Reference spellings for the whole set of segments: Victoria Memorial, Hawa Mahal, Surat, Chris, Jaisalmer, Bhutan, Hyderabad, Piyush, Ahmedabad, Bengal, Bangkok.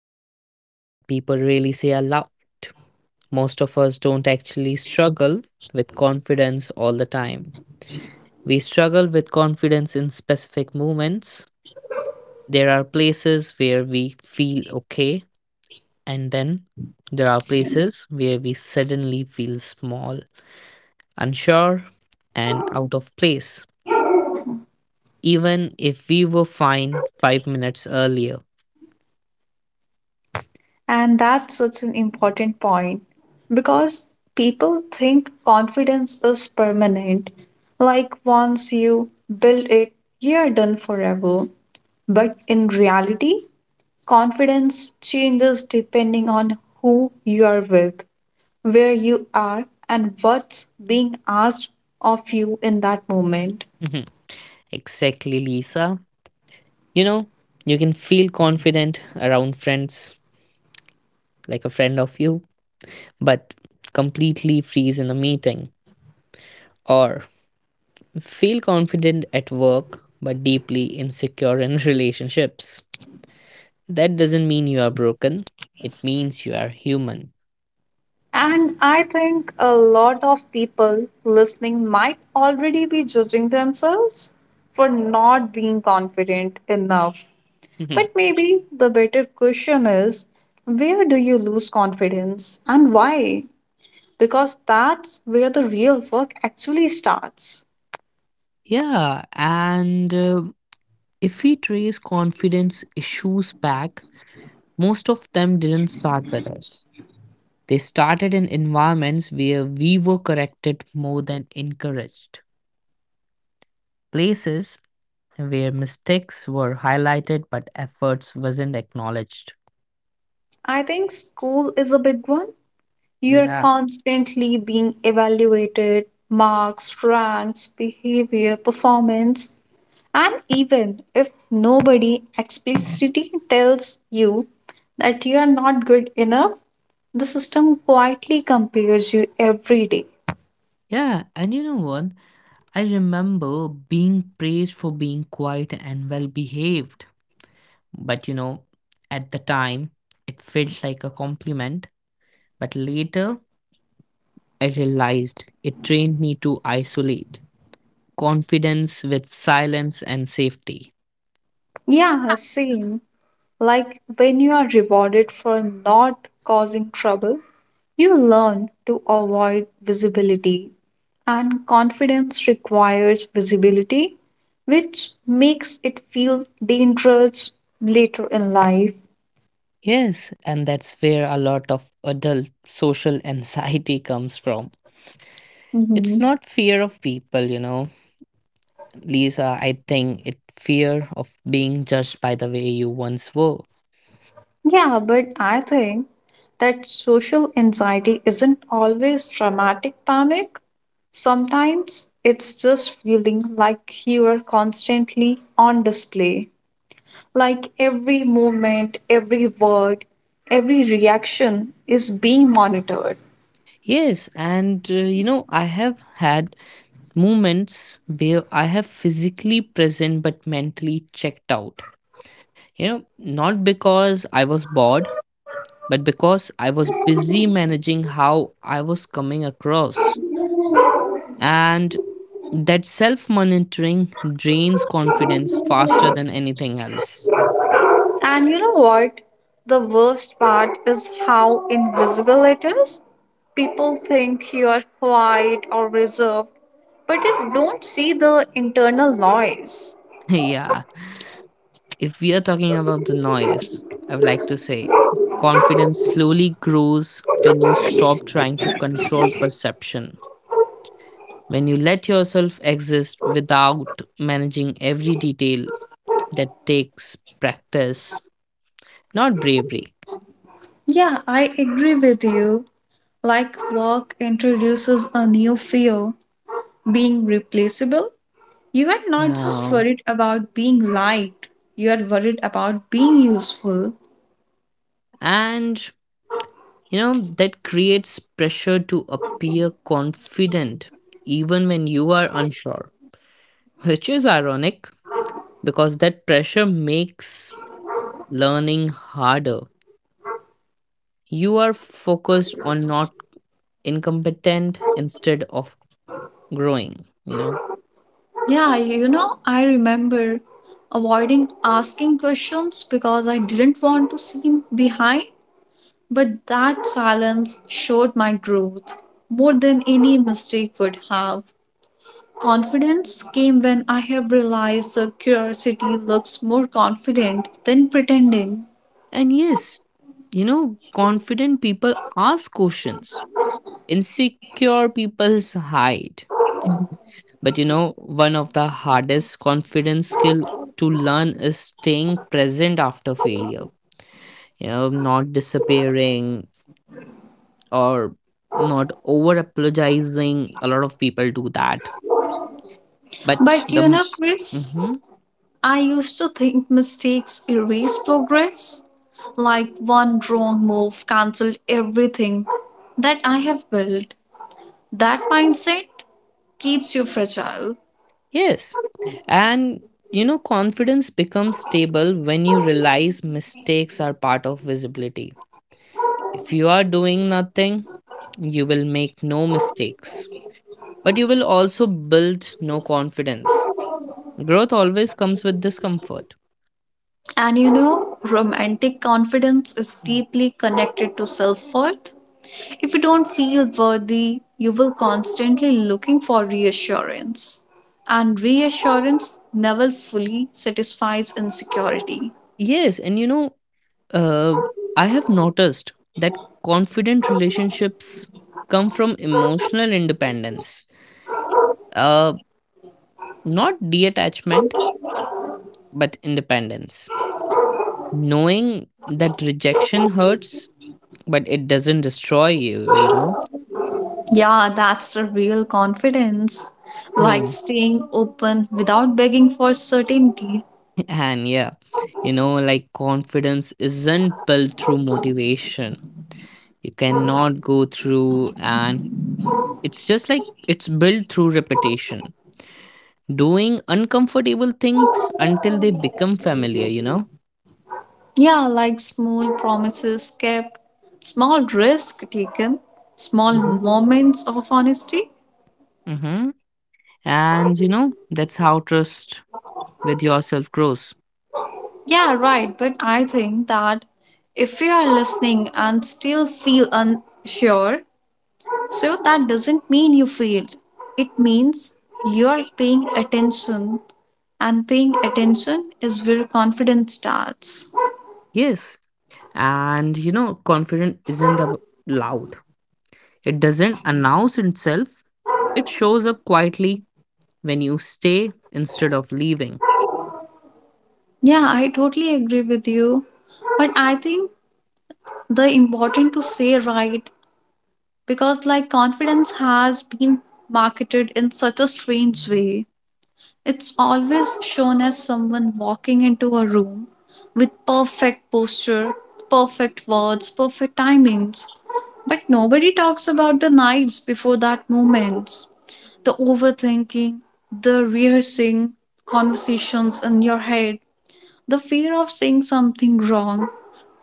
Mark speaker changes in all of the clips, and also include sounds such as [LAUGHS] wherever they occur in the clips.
Speaker 1: something that people really say aloud. Most of us don't actually struggle with confidence all the time. We struggle with confidence in specific moments. There are places where we feel okay, and then there are places where we suddenly feel small, unsure, and out of place, even if we were fine 5 minutes earlier. [LAUGHS]
Speaker 2: And that's such an important point because people think confidence is permanent. Like once you build it, you're done forever. But in reality, confidence changes depending on who you are with, where you are, and what's being asked of you in that moment.
Speaker 1: Mm-hmm. Exactly, Lisa. You know, you can feel confident around friends, like a friend of you, but completely freeze in a meeting. Or feel confident at work, but deeply insecure in [LAUGHS] relationships. That doesn't mean you are broken, it means you are human.
Speaker 2: And I think a lot of people listening might already be judging themselves for not being confident enough.
Speaker 1: Mhm.
Speaker 2: But maybe the better question is, where do you lose confidence and why? Because that's where the real work actually starts.
Speaker 1: Yeah, and if we trace confidence issues back, most of them didn't start with us. They started in environments where we were corrected more than encouraged, places where mistakes were highlighted but efforts wasn't acknowledged.
Speaker 2: I think school is a big one. You're
Speaker 1: Yeah.
Speaker 2: constantly being evaluated — marks, ranks, behavior, performance. And even if nobody explicitly tells you that you are not good enough, the system quietly compares you every day.
Speaker 1: Yeah, and you know what? I remember being praised for being quiet and well behaved. But you know, at the time, it felt like a compliment. But later, I realized it trained me to isolate confidence with silence and safety.
Speaker 2: Yeah, same. Like when you are rewarded for not causing trouble, you learn to avoid visibility, and confidence requires visibility, which makes it feel dangerous later in life.
Speaker 1: Yes, and that's where a lot of adult social [LAUGHS] anxiety comes from. It's
Speaker 2: Mhm.
Speaker 1: not fear of people, you know. Lisa, I think it fear of being judged by the way you once were.
Speaker 2: Yeah, but I think that social anxiety isn't always dramatic panic. Sometimes it's just feeling like you are constantly on display. Like every movement, every word, every reaction is being monitored.
Speaker 1: Yes, and you know, I have had moments where I have physically present but mentally checked out. You know, not because I was bored, but because I was busy managing how I was coming across. And that self monitoring drains confidence faster than anything else.
Speaker 2: And you know what? The worst part is how invisible it is. People think you are quiet or reserved, but they don't see the internal noise.
Speaker 1: [LAUGHS] Yeah. If we are talking about the noise, I would like to say confidence slowly grows when you stop trying to control perception. When you let yourself exist without managing every detail that takes practice, not bravery.
Speaker 2: Yeah, I agree with you. Like work introduces a new fear, being replaceable. You are not just
Speaker 1: Um,
Speaker 2: worried about being liked, you are worried about being useful.
Speaker 1: and you know, that creates pressure to appear confident even when you are unsure, which is ironic because that pressure makes learning harder. You are focused on not incompetent instead of growing, you know.
Speaker 2: Yeah, you know, I remember avoiding asking questions because I didn't want to seem behind, but that silence showed my growth more than any mistake would have. Confidence came when I have realized the curiosity looks more confident than pretending.
Speaker 1: And yes, you know, confident people ask questions, insecure people hide. [LAUGHS] But you know, one of the hardest confidence skill to learn is staying present after failure. You know, not disappearing or not over apologizing. A lot of people do that. But
Speaker 2: But you
Speaker 1: the
Speaker 2: know, Chris, I used to think mistakes erase progress, like one wrong move cancelled everything that I have built. That mindset keeps you fragile.
Speaker 1: yes, and you know, confidence becomes stable when you realize mistakes are part of visibility. If you are doing nothing, you will make no mistakes, but you will also build no confidence. Growth always comes with discomfort.
Speaker 2: And you know, romantic confidence is
Speaker 1: Mhm.
Speaker 2: deeply connected to self worth. If you don't feel worthy, you will constantly looking for reassurance. And reassurance never fully satisfies insecurity.
Speaker 1: Yes, and you know, uh, I have noticed that confident relationships come from emotional independence, uh, not detachment, but independence. Knowing that rejection hurts, but it doesn't destroy you, you know?
Speaker 2: Yeah, that's the real confidence. Like
Speaker 1: Hmm.
Speaker 2: staying open without begging for certainty.
Speaker 1: [LAUGHS] And yeah, you know, like confidence isn't built through motivation. You cannot go through an. It's just like it's built through repetition, doing uncomfortable things until they become familiar, you know?
Speaker 2: Yeah, like small promises kept, small risk taken, small
Speaker 1: Hmm.
Speaker 2: moments of honesty.
Speaker 1: Hmm. And, you know, that's how trust with yourself grows.
Speaker 2: Yeah, right. But I think that if you are listening and still feel unsure, so that doesn't mean you failed. It means you are paying attention, and paying attention is where confidence starts.
Speaker 1: Yes. And, you know, confidence isn't loud, it doesn't announce itself, it shows up quietly when you stay instead of leaving.
Speaker 2: Yeah, I totally agree with you. But I think the important to say right, because like confidence has been marketed in such a strange way. It's always shown as someone walking into a room with perfect posture, perfect words, perfect timings. But nobody talks about the nights before that moments, the overthinking, the rehearsing, conversations in your head, the fear of saying something wrong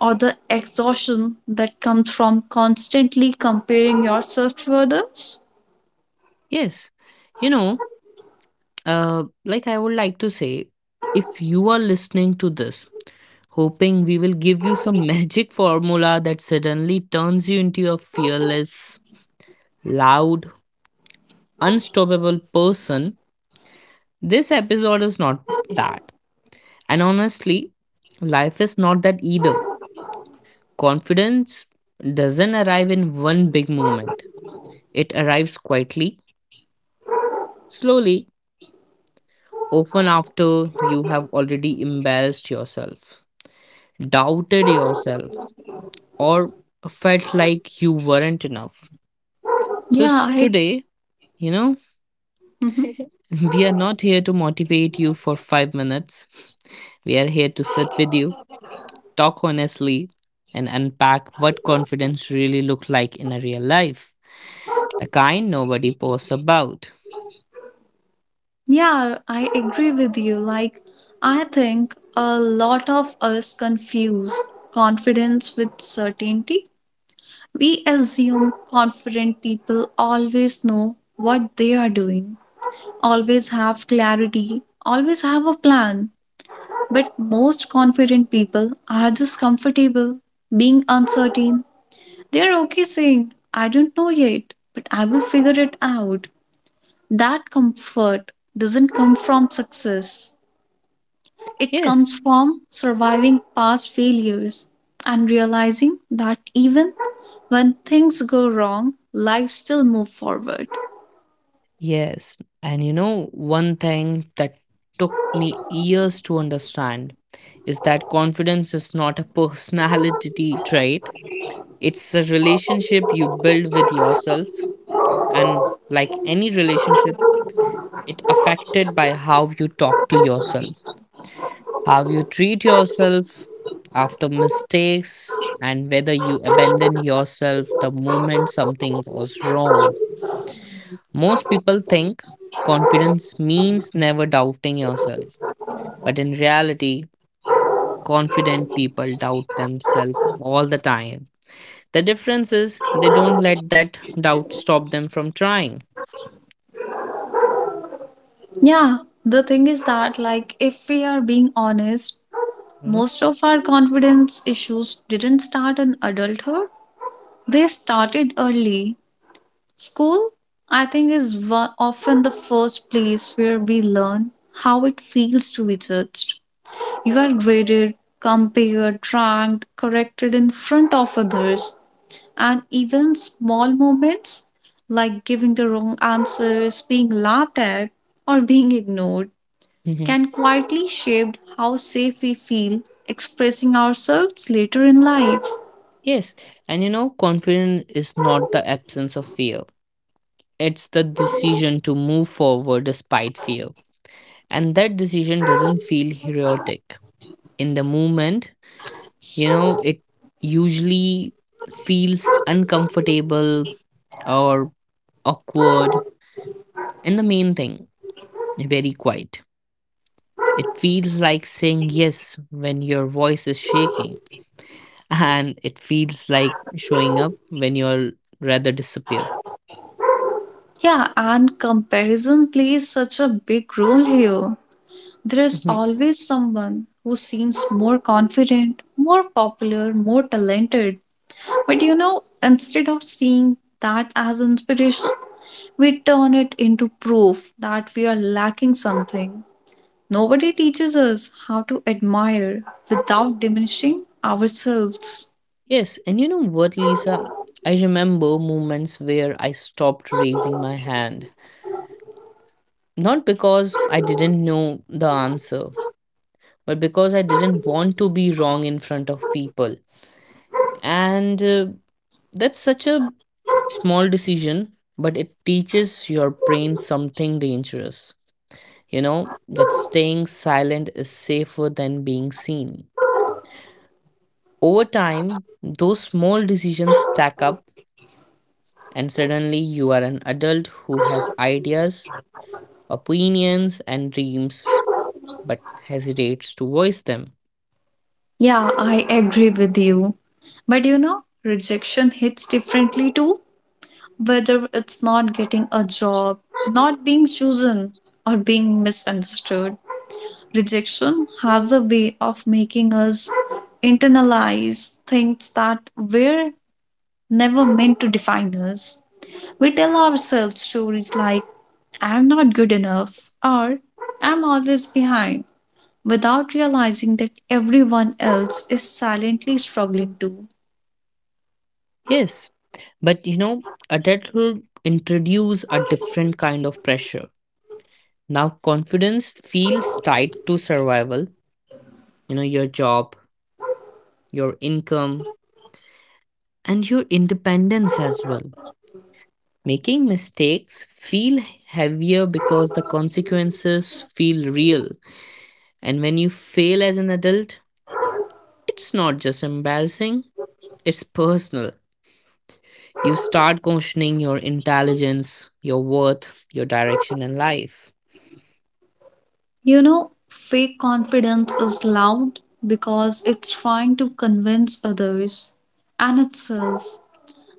Speaker 2: or the exhaustion that comes from constantly comparing yourself to others.
Speaker 1: Yes. You know, like I would like to say, if you are listening to this hoping we will give you some [LAUGHS] magic formula that suddenly turns you into a fearless, loud, unstoppable person. This episode is not that. And honestly, life is not that either. Confidence doesn't arrive in one big moment, it arrives quietly, slowly, often after you have already embarrassed yourself, doubted yourself, or felt like you weren't enough. So
Speaker 2: Yeah, I.
Speaker 1: today, you know,
Speaker 2: Mhm.
Speaker 1: we are not here to motivate you for 5 minutes. We are here to sit with you, talk honestly, and unpack what confidence really looks like in a real life. The kind nobody posts about.
Speaker 2: Yeah, I agree with you. Like I think a lot of us confuse confidence with certainty. We assume confident people always know what they are doing, always have clarity, always have a plan. But most confident people are just comfortable being uncertain. They're okay saying, I don't know yet, but I will figure it out. That comfort doesn't come from success, it comes
Speaker 1: Yes,
Speaker 2: from surviving past failures and realizing that even when things go wrong, life still moves forward.
Speaker 1: yes. And you know, one thing that took me years to understand is that confidence is not a [LAUGHS] personality trait, it's a relationship you build with yourself. And like any relationship, it affected by how you talk to yourself, how you treat yourself after mistakes, and whether you abandon yourself the moment something goes wrong. Most people think confidence means never doubting yourself, but in reality confident people doubt themselves all the time. The difference is they don't let that doubt stop them from trying.
Speaker 2: Yeah, the thing is that like if we are being honest,
Speaker 1: Mhm.
Speaker 2: most of our confidence issues didn't start in adulthood, they started early. School, I think, is often the first place where we learn how it feels to be judged. You are graded, compared, ranked, corrected in front of others, and even small moments like giving the wrong answers, being laughed at, or being ignored
Speaker 1: Mhm.
Speaker 2: can quietly shape how safe we feel expressing ourselves later in life.
Speaker 1: Yes, and you know, confidence is not the absence of fear. It's the decision to move forward despite fear. And that decision doesn't feel heroic. In the moment, you know, it usually feels uncomfortable or awkward. And the main thing, very quiet. It feels like saying yes when your voice is shaking, [LAUGHS] and it feels like showing up when you're rather disappear.
Speaker 2: Yeah, and comparison plays such a big role here. There is
Speaker 1: Mhm.
Speaker 2: always someone who seems more confident, more popular, more talented. But you know, instead of seeing that as inspiration, we turn it into proof that we are lacking something. Nobody teaches us how to admire without diminishing ourselves.
Speaker 1: Yes, and you know what, Lisa? I remember moments where I stopped raising my hand. Not because I didn't know the answer, but because I didn't want to be wrong in front of people. And that's such a small decision, but it teaches your brain something dangerous. You know, that staying silent is safer than being seen. Over time, those small decisions stack up and suddenly you are an adult who has ideas, opinions, and dreams but hesitates to voice them.
Speaker 2: Yeah, I agree with you. But you know, rejection hits differently too, whether it's not getting a job, not being chosen, or being misunderstood. Rejection has a way of making us internalize things that were never meant to define us. We tell ourselves stories like, I'm not good enough, or I'm always behind, without realizing that everyone else is silently struggling too.
Speaker 1: Yes, but you know, adulthood introduce a different kind of pressure. Now confidence feels tied to survival, you know, your job, your income, and your independence as well. Making mistakes feel heavier because the consequences feel real. And when you fail as an adult, it's not just embarrassing, it's personal. You start questioning your intelligence, your worth, your direction in life.
Speaker 2: You know, fake confidence is loud because it's trying to convince others and itself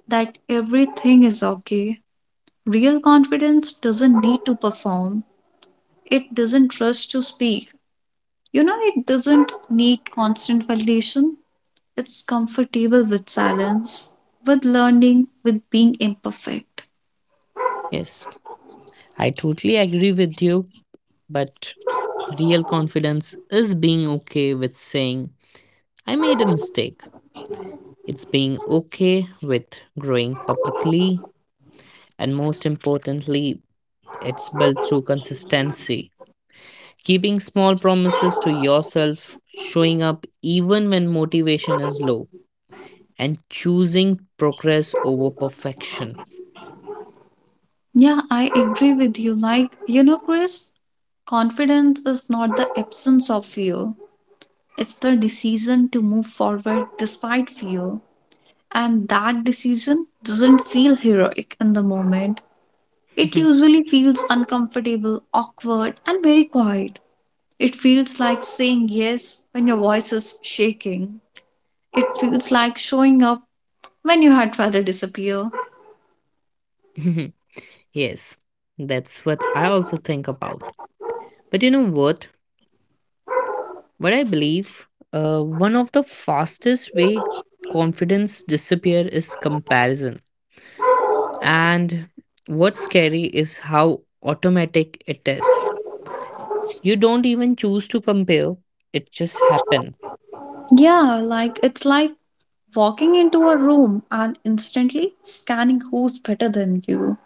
Speaker 2: that everything is okay. Real confidence doesn't need to perform, it doesn't rush to speak. You know, it doesn't need constant validation. It's comfortable with silence, with learning, with being imperfect.
Speaker 1: Yes, I totally agree with you, but real confidence is being okay with saying, I made a mistake. It's being okay with growing publicly, and most importantly, it's built through consistency. Keeping small promises to yourself, showing up even when motivation is low, and choosing progress over perfection.
Speaker 2: Yeah, I agree with you. Like, you know, Chris, confidence is not the absence of fear, it's the decision to move forward despite fear. And that decision doesn't feel heroic in the moment. It usually feels uncomfortable, awkward, and very quiet. It feels like saying yes when your voice is shaking. It feels like showing up when you had rather disappear.
Speaker 1: [LAUGHS] Yes, that's what I also think about. But you know what? What I believe, one of the fastest way confidence disappear is comparison. And what's scary is how automatic it is. You don't even choose to compare; it just happen.
Speaker 2: Yeah, like it's like walking into a room and instantly scanning who's
Speaker 1: [LAUGHS]
Speaker 2: better than you,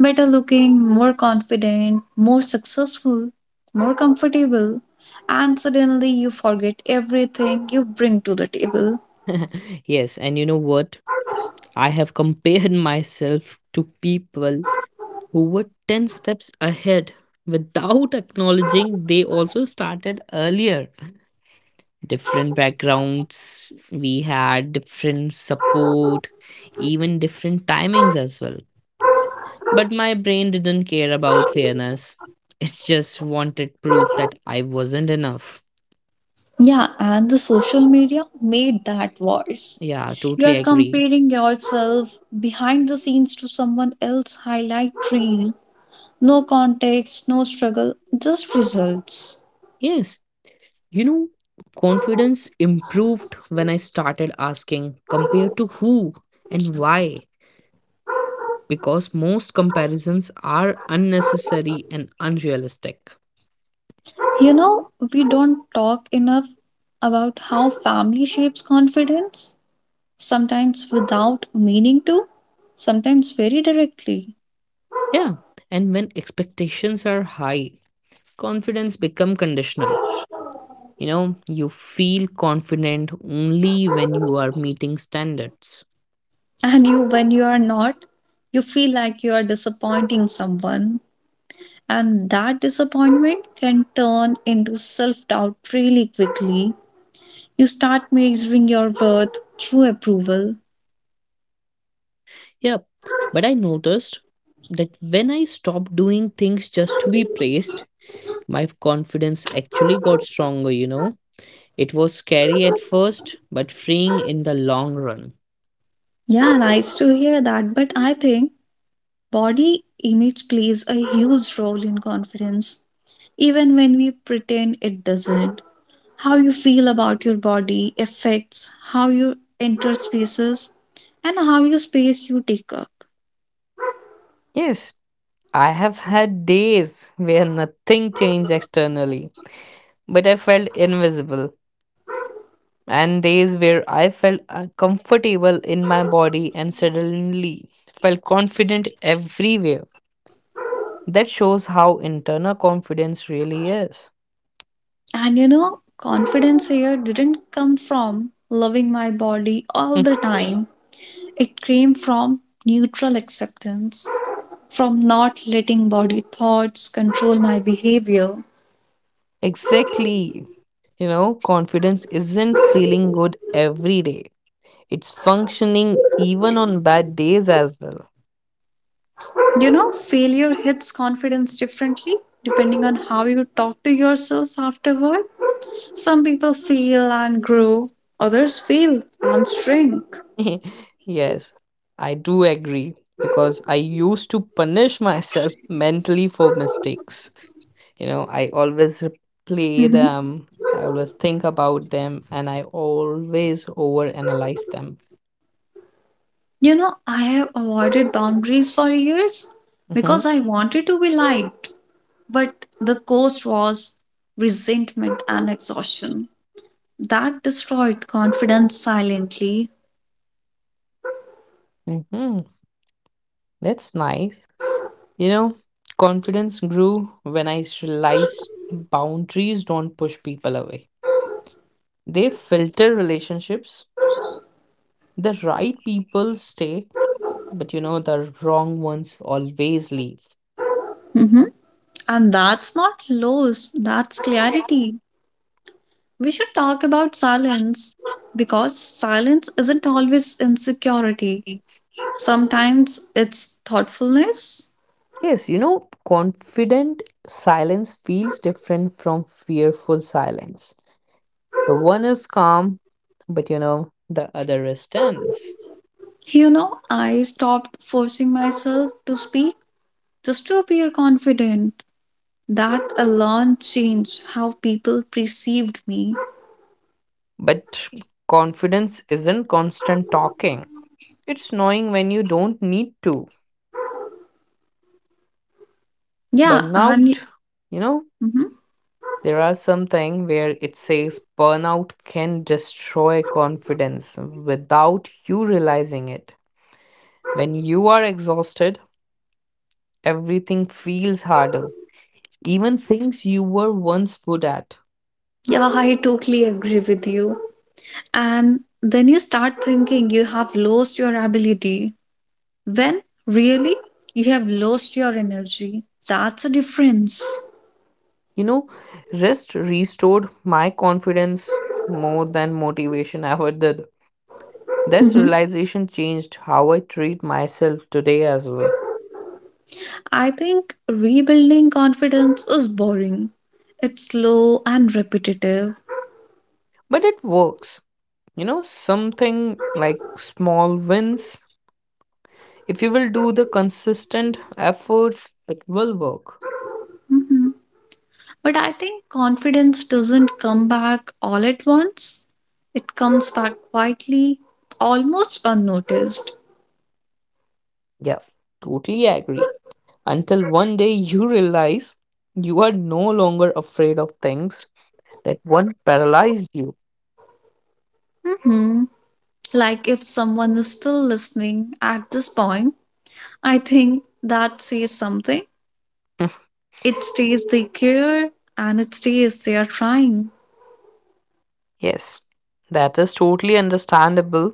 Speaker 2: better looking, more confident, more successful, more comfortable, and suddenly you forget everything you bring to the table.
Speaker 1: Yes, and you know what? I have compared myself to people who were 10 steps ahead without acknowledging they also started earlier. Different backgrounds, we had different support, even different timings as well. But my brain didn't care about fairness, it just wanted proof that I wasn't enough.
Speaker 2: Yeah, and the social media made that worse.
Speaker 1: Yeah,
Speaker 2: You
Speaker 1: totally
Speaker 2: are
Speaker 1: agree.
Speaker 2: comparing yourself behind the scenes to someone else's highlight reel. No context, no struggle, just results.
Speaker 1: Yes, you know, confidence improved when I started asking compared to who and why, because most comparisons are unnecessary and unrealistic.
Speaker 2: You know, we don't talk enough about how family shapes confidence, sometimes without meaning to, sometimes very directly.
Speaker 1: Yeah, and when expectations are high, confidence become conditional. You know, you feel confident only when you are meeting standards.
Speaker 2: And you, when you are not, you feel like you are disappointing someone. And that disappointment can turn into self doubt really quickly. You start measuring your worth through approval.
Speaker 1: Yeah, but I noticed that when I stopped doing things just to be praised, my confidence actually got stronger, you know. It was scary at first, but freeing in the long run.
Speaker 2: Yeah, nice to hear that. But I think body image plays a huge role in confidence, even when we pretend it doesn't. How you feel about your body affects how you enter spaces and how you space you take up.
Speaker 1: Yes, I have had days where nothing changed externally, but I felt invisible, and days where I felt comfortable in my body and suddenly felt confident everywhere. That shows how internal confidence really is.
Speaker 2: And you know, confidence here didn't come from loving my body all
Speaker 1: Hmm.
Speaker 2: the time. It came from neutral acceptance, from not letting body thoughts control my behavior.
Speaker 1: Exactly. You know, confidence isn't feeling good every day. It's functioning even on bad days as well.
Speaker 2: You know, failure hits confidence differently depending on how you talk to yourself afterward. Some people fail and grow, others fail and shrink.
Speaker 1: [LAUGHS] Yes, I do agree because I used to punish myself [LAUGHS] mentally for mistakes. You know, I always play
Speaker 2: Mhm.
Speaker 1: them, I always think about them, and I always overanalyze them.
Speaker 2: You know, I have avoided boundaries for years
Speaker 1: Mm-hmm.
Speaker 2: because I wanted to be liked, but the cost was resentment and exhaustion. That destroyed confidence silently.
Speaker 1: Mm-hmm. That's nice. You know, confidence grew when I realized boundaries don't push people away. They filter relationships. The right people stay, but you know, the wrong ones always leave.
Speaker 2: Mhm. And that's not loss, that's
Speaker 1: Yeah.
Speaker 2: clarity. We should talk about silence because silence isn't always insecurity. Sometimes it's thoughtfulness.
Speaker 1: Yes, you know, confident silence feels different from fearful silence. The one is calm, but you know, the other is tense.
Speaker 2: You know, I stopped forcing myself to speak just to appear confident. That alone changed how people perceived me.
Speaker 1: But confidence isn't constant talking, it's knowing when you don't need to. But
Speaker 2: Yeah,
Speaker 1: now,
Speaker 2: and
Speaker 1: you know,
Speaker 2: mhm.
Speaker 1: there are something where it says burnout can destroy confidence without you realizing it. When you are exhausted, everything feels harder. Even things you were once good at.
Speaker 2: Yeah, I totally agree with you. And then you start thinking you have lost your ability, when really you have lost your energy, that's a difference.
Speaker 1: You know, rest restored my confidence more than motivation ever did. This
Speaker 2: Mhm.
Speaker 1: realization changed how I treat myself today as well.
Speaker 2: I think rebuilding confidence is boring. It's slow and repetitive.
Speaker 1: But it works. You know, something like small wins, if you will do the consistent effort it will work.
Speaker 2: Mhm. But I think confidence doesn't come back all at once. It comes back quietly, almost unnoticed.
Speaker 1: Yeah, totally agree. Until one day you realize you are no longer afraid of things that once paralyzed you.
Speaker 2: Hmm. Like if someone is still listening at this point, I think that says something.
Speaker 1: [LAUGHS]
Speaker 2: It stays they care and it stays they are trying.
Speaker 1: Yes, that is totally understandable.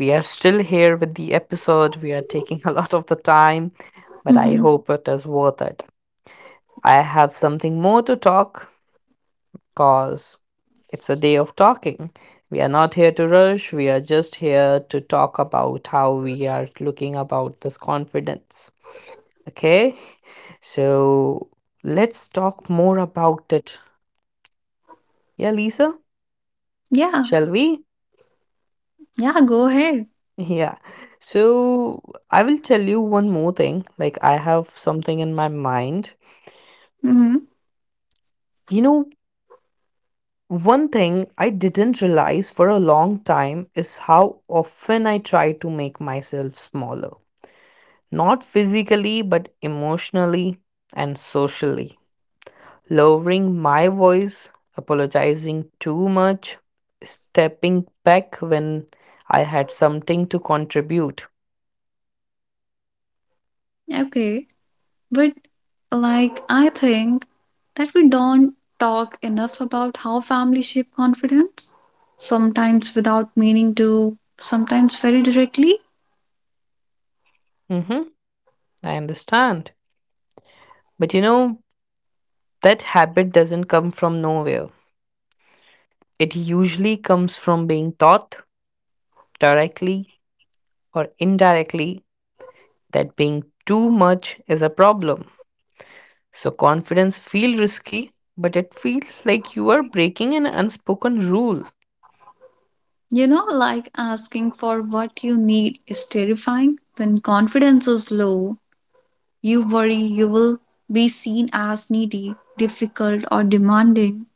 Speaker 1: We are still here with the episode, we are taking [LAUGHS] a lot of the time, but I
Speaker 2: Hmm.
Speaker 1: hope it is worth it. I have something more to talk, cause it's a day of talking. We are not here to rush, we are just here to talk about how we are looking about this confidence. Okay? So let's talk more about it. Yeah, Lisa?
Speaker 2: Yeah,
Speaker 1: Shall we?
Speaker 2: yeah, go ahead.
Speaker 1: Yeah. So I will tell you one more thing. Like, I have something in my mind.
Speaker 2: Hmm.
Speaker 1: You know, one thing I didn't realize for a long time is how often I try to make myself smaller. Not physically but emotionally and socially. Lowering my voice, apologizing too much, stepping back when I had something to contribute.
Speaker 2: Okay, but like I think that we don't talk enough about how families shape confidence, sometimes without meaning to, sometimes very directly.
Speaker 1: Hmm. I understand. But you know, that habit doesn't come from nowhere. It usually comes from being taught directly or indirectly that being too much is a problem. So confidence feels risky, but it feels like you are breaking an unspoken rule.
Speaker 2: You know, like asking for what you need is terrifying. When confidence is low, you worry you will be seen as needy, difficult, or demanding.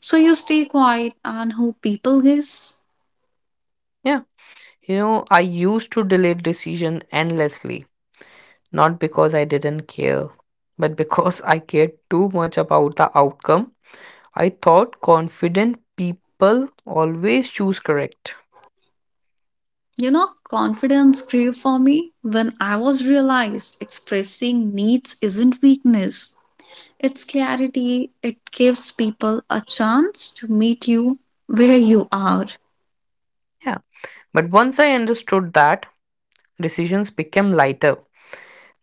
Speaker 2: So you stay quiet and hope people guess.
Speaker 1: Yeah. You know, I used to delay decision endlessly, not because I didn't care, but because I cared too much about the outcome. I thought confident people always choose correct.
Speaker 2: You know, confidence grew for me when I was realized expressing needs isn't weakness. It's clarity. It gives people a chance to meet you where you are.
Speaker 1: Yeah. But once I understood that, decisions became lighter,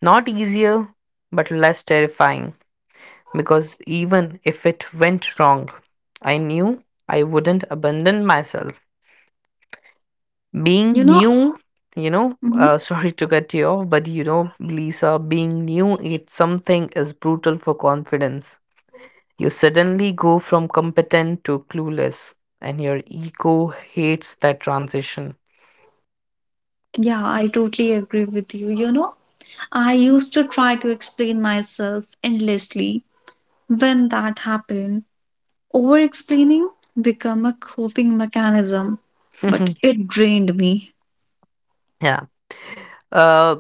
Speaker 1: not easier, but less terrifying. Because even if it went wrong, I knew I wouldn't abandon myself. Being
Speaker 2: You know?
Speaker 1: new, you know, [LAUGHS]
Speaker 2: Mhm.
Speaker 1: sorry to cut you off, but you know, Lisa, being new at something is brutal for confidence. You suddenly go from competent to clueless, and your ego hates that transition.
Speaker 2: Yeah, I totally agree with you. You know, I used to try to explain myself endlessly. When that happened, over explaining became a coping mechanism, but
Speaker 1: [LAUGHS]
Speaker 2: it drained me.
Speaker 1: Yeah. Uh,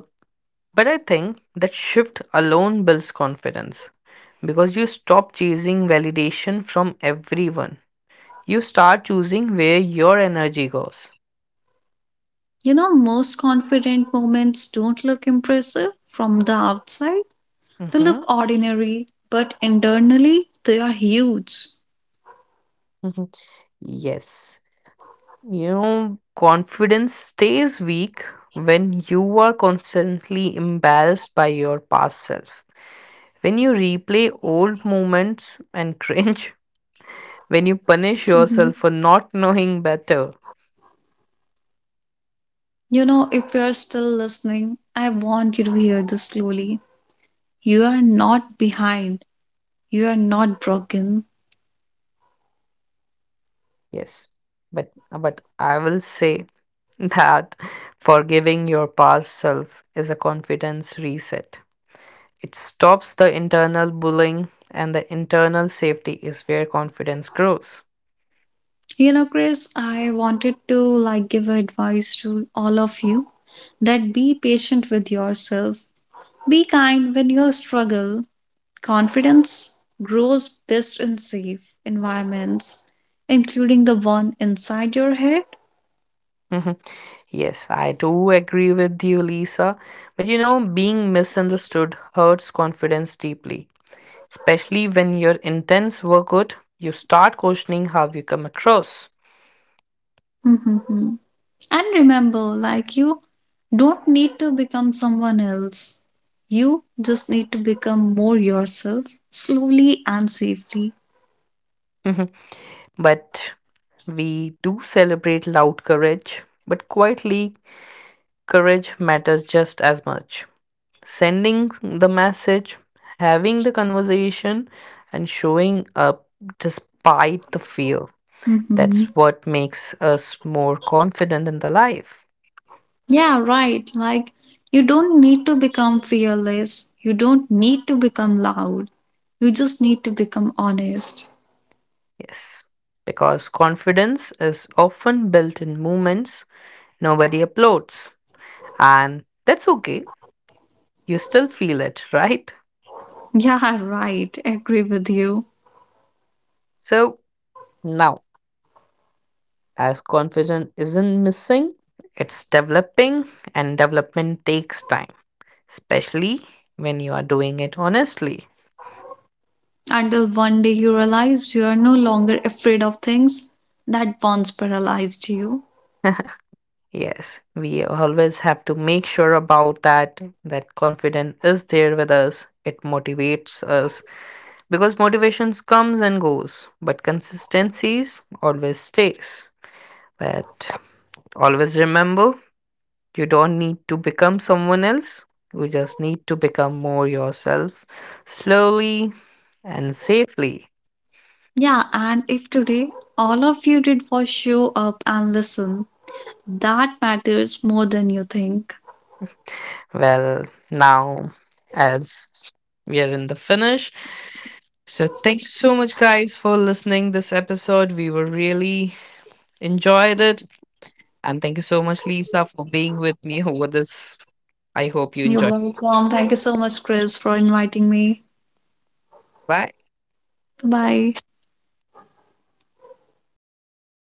Speaker 1: but I think that shift alone builds confidence because you stop chasing validation from everyone. You start choosing where your energy goes.
Speaker 2: You know, most confident moments don't look impressive from the outside. They look
Speaker 1: Mm-hmm.
Speaker 2: ordinary, but internally, they are huge.
Speaker 1: Mm-hmm. Yes. You know, confidence stays weak when you are constantly embarrassed by your past self. When you replay old moments and cringe, [LAUGHS] when you punish
Speaker 2: Hmm.
Speaker 1: yourself for not knowing better.
Speaker 2: You know, if you're still listening, I want you to hear this slowly. You are not behind. You are not broken.
Speaker 1: Yes. But I will say that [LAUGHS] forgiving your past self is a confidence reset. It stops the internal bullying, and the internal safety is where confidence grows.
Speaker 2: You know, Chris, I wanted to like give advice to all of you, that be patient with yourself. Be kind when you struggle. Confidence grows best in safe environments, including the one inside your head.
Speaker 1: Mhm. Yes, I do agree with you, Lisa. But you know, being misunderstood hurts confidence deeply, especially when your intents were good. You start questioning how you come across.
Speaker 2: [LAUGHS] And remember, like you don't need to become someone else. You just need to become more yourself, slowly and safely.
Speaker 1: Mhm. But we do celebrate loud courage, but quietly, courage matters just as much. Sending the message, having the conversation, and showing up despite the fear. That's
Speaker 2: Hmm.
Speaker 1: what makes us more confident in the life.
Speaker 2: Yeah, right. Like you don't need to become fearless. You don't need to become loud. You just need to become honest. [LAUGHS]
Speaker 1: Yes, because confidence is often built in moments nobody applauds, and that's okay. You still feel it, [LAUGHS] right?
Speaker 2: Yeah, right. Agree with you.
Speaker 1: So now, as confidence isn't missing, it's developing, and development takes time. Especially when you are doing it honestly.
Speaker 2: Until one day you realize you are no longer afraid of things that once paralyzed you.
Speaker 1: Yes, we always have to make sure about that that confidence is there with us. It motivates us because motivations comes and goes, but consistencies always stays. But always remember, you don't need to become someone else. You just need to become more yourself slowly and safely.
Speaker 2: Yeah, and if today all of you did was show up and listen, that matters more than you think.
Speaker 1: Well, now as we are in the finish, so thanks so much guys for listening this episode. We were really enjoyed it. And thank you so much, Lisa, for being with me over this. I hope you
Speaker 2: You're
Speaker 1: enjoyed.
Speaker 2: welcome. Thank you so much, Chris, for inviting me.
Speaker 1: Bye.
Speaker 2: Bye.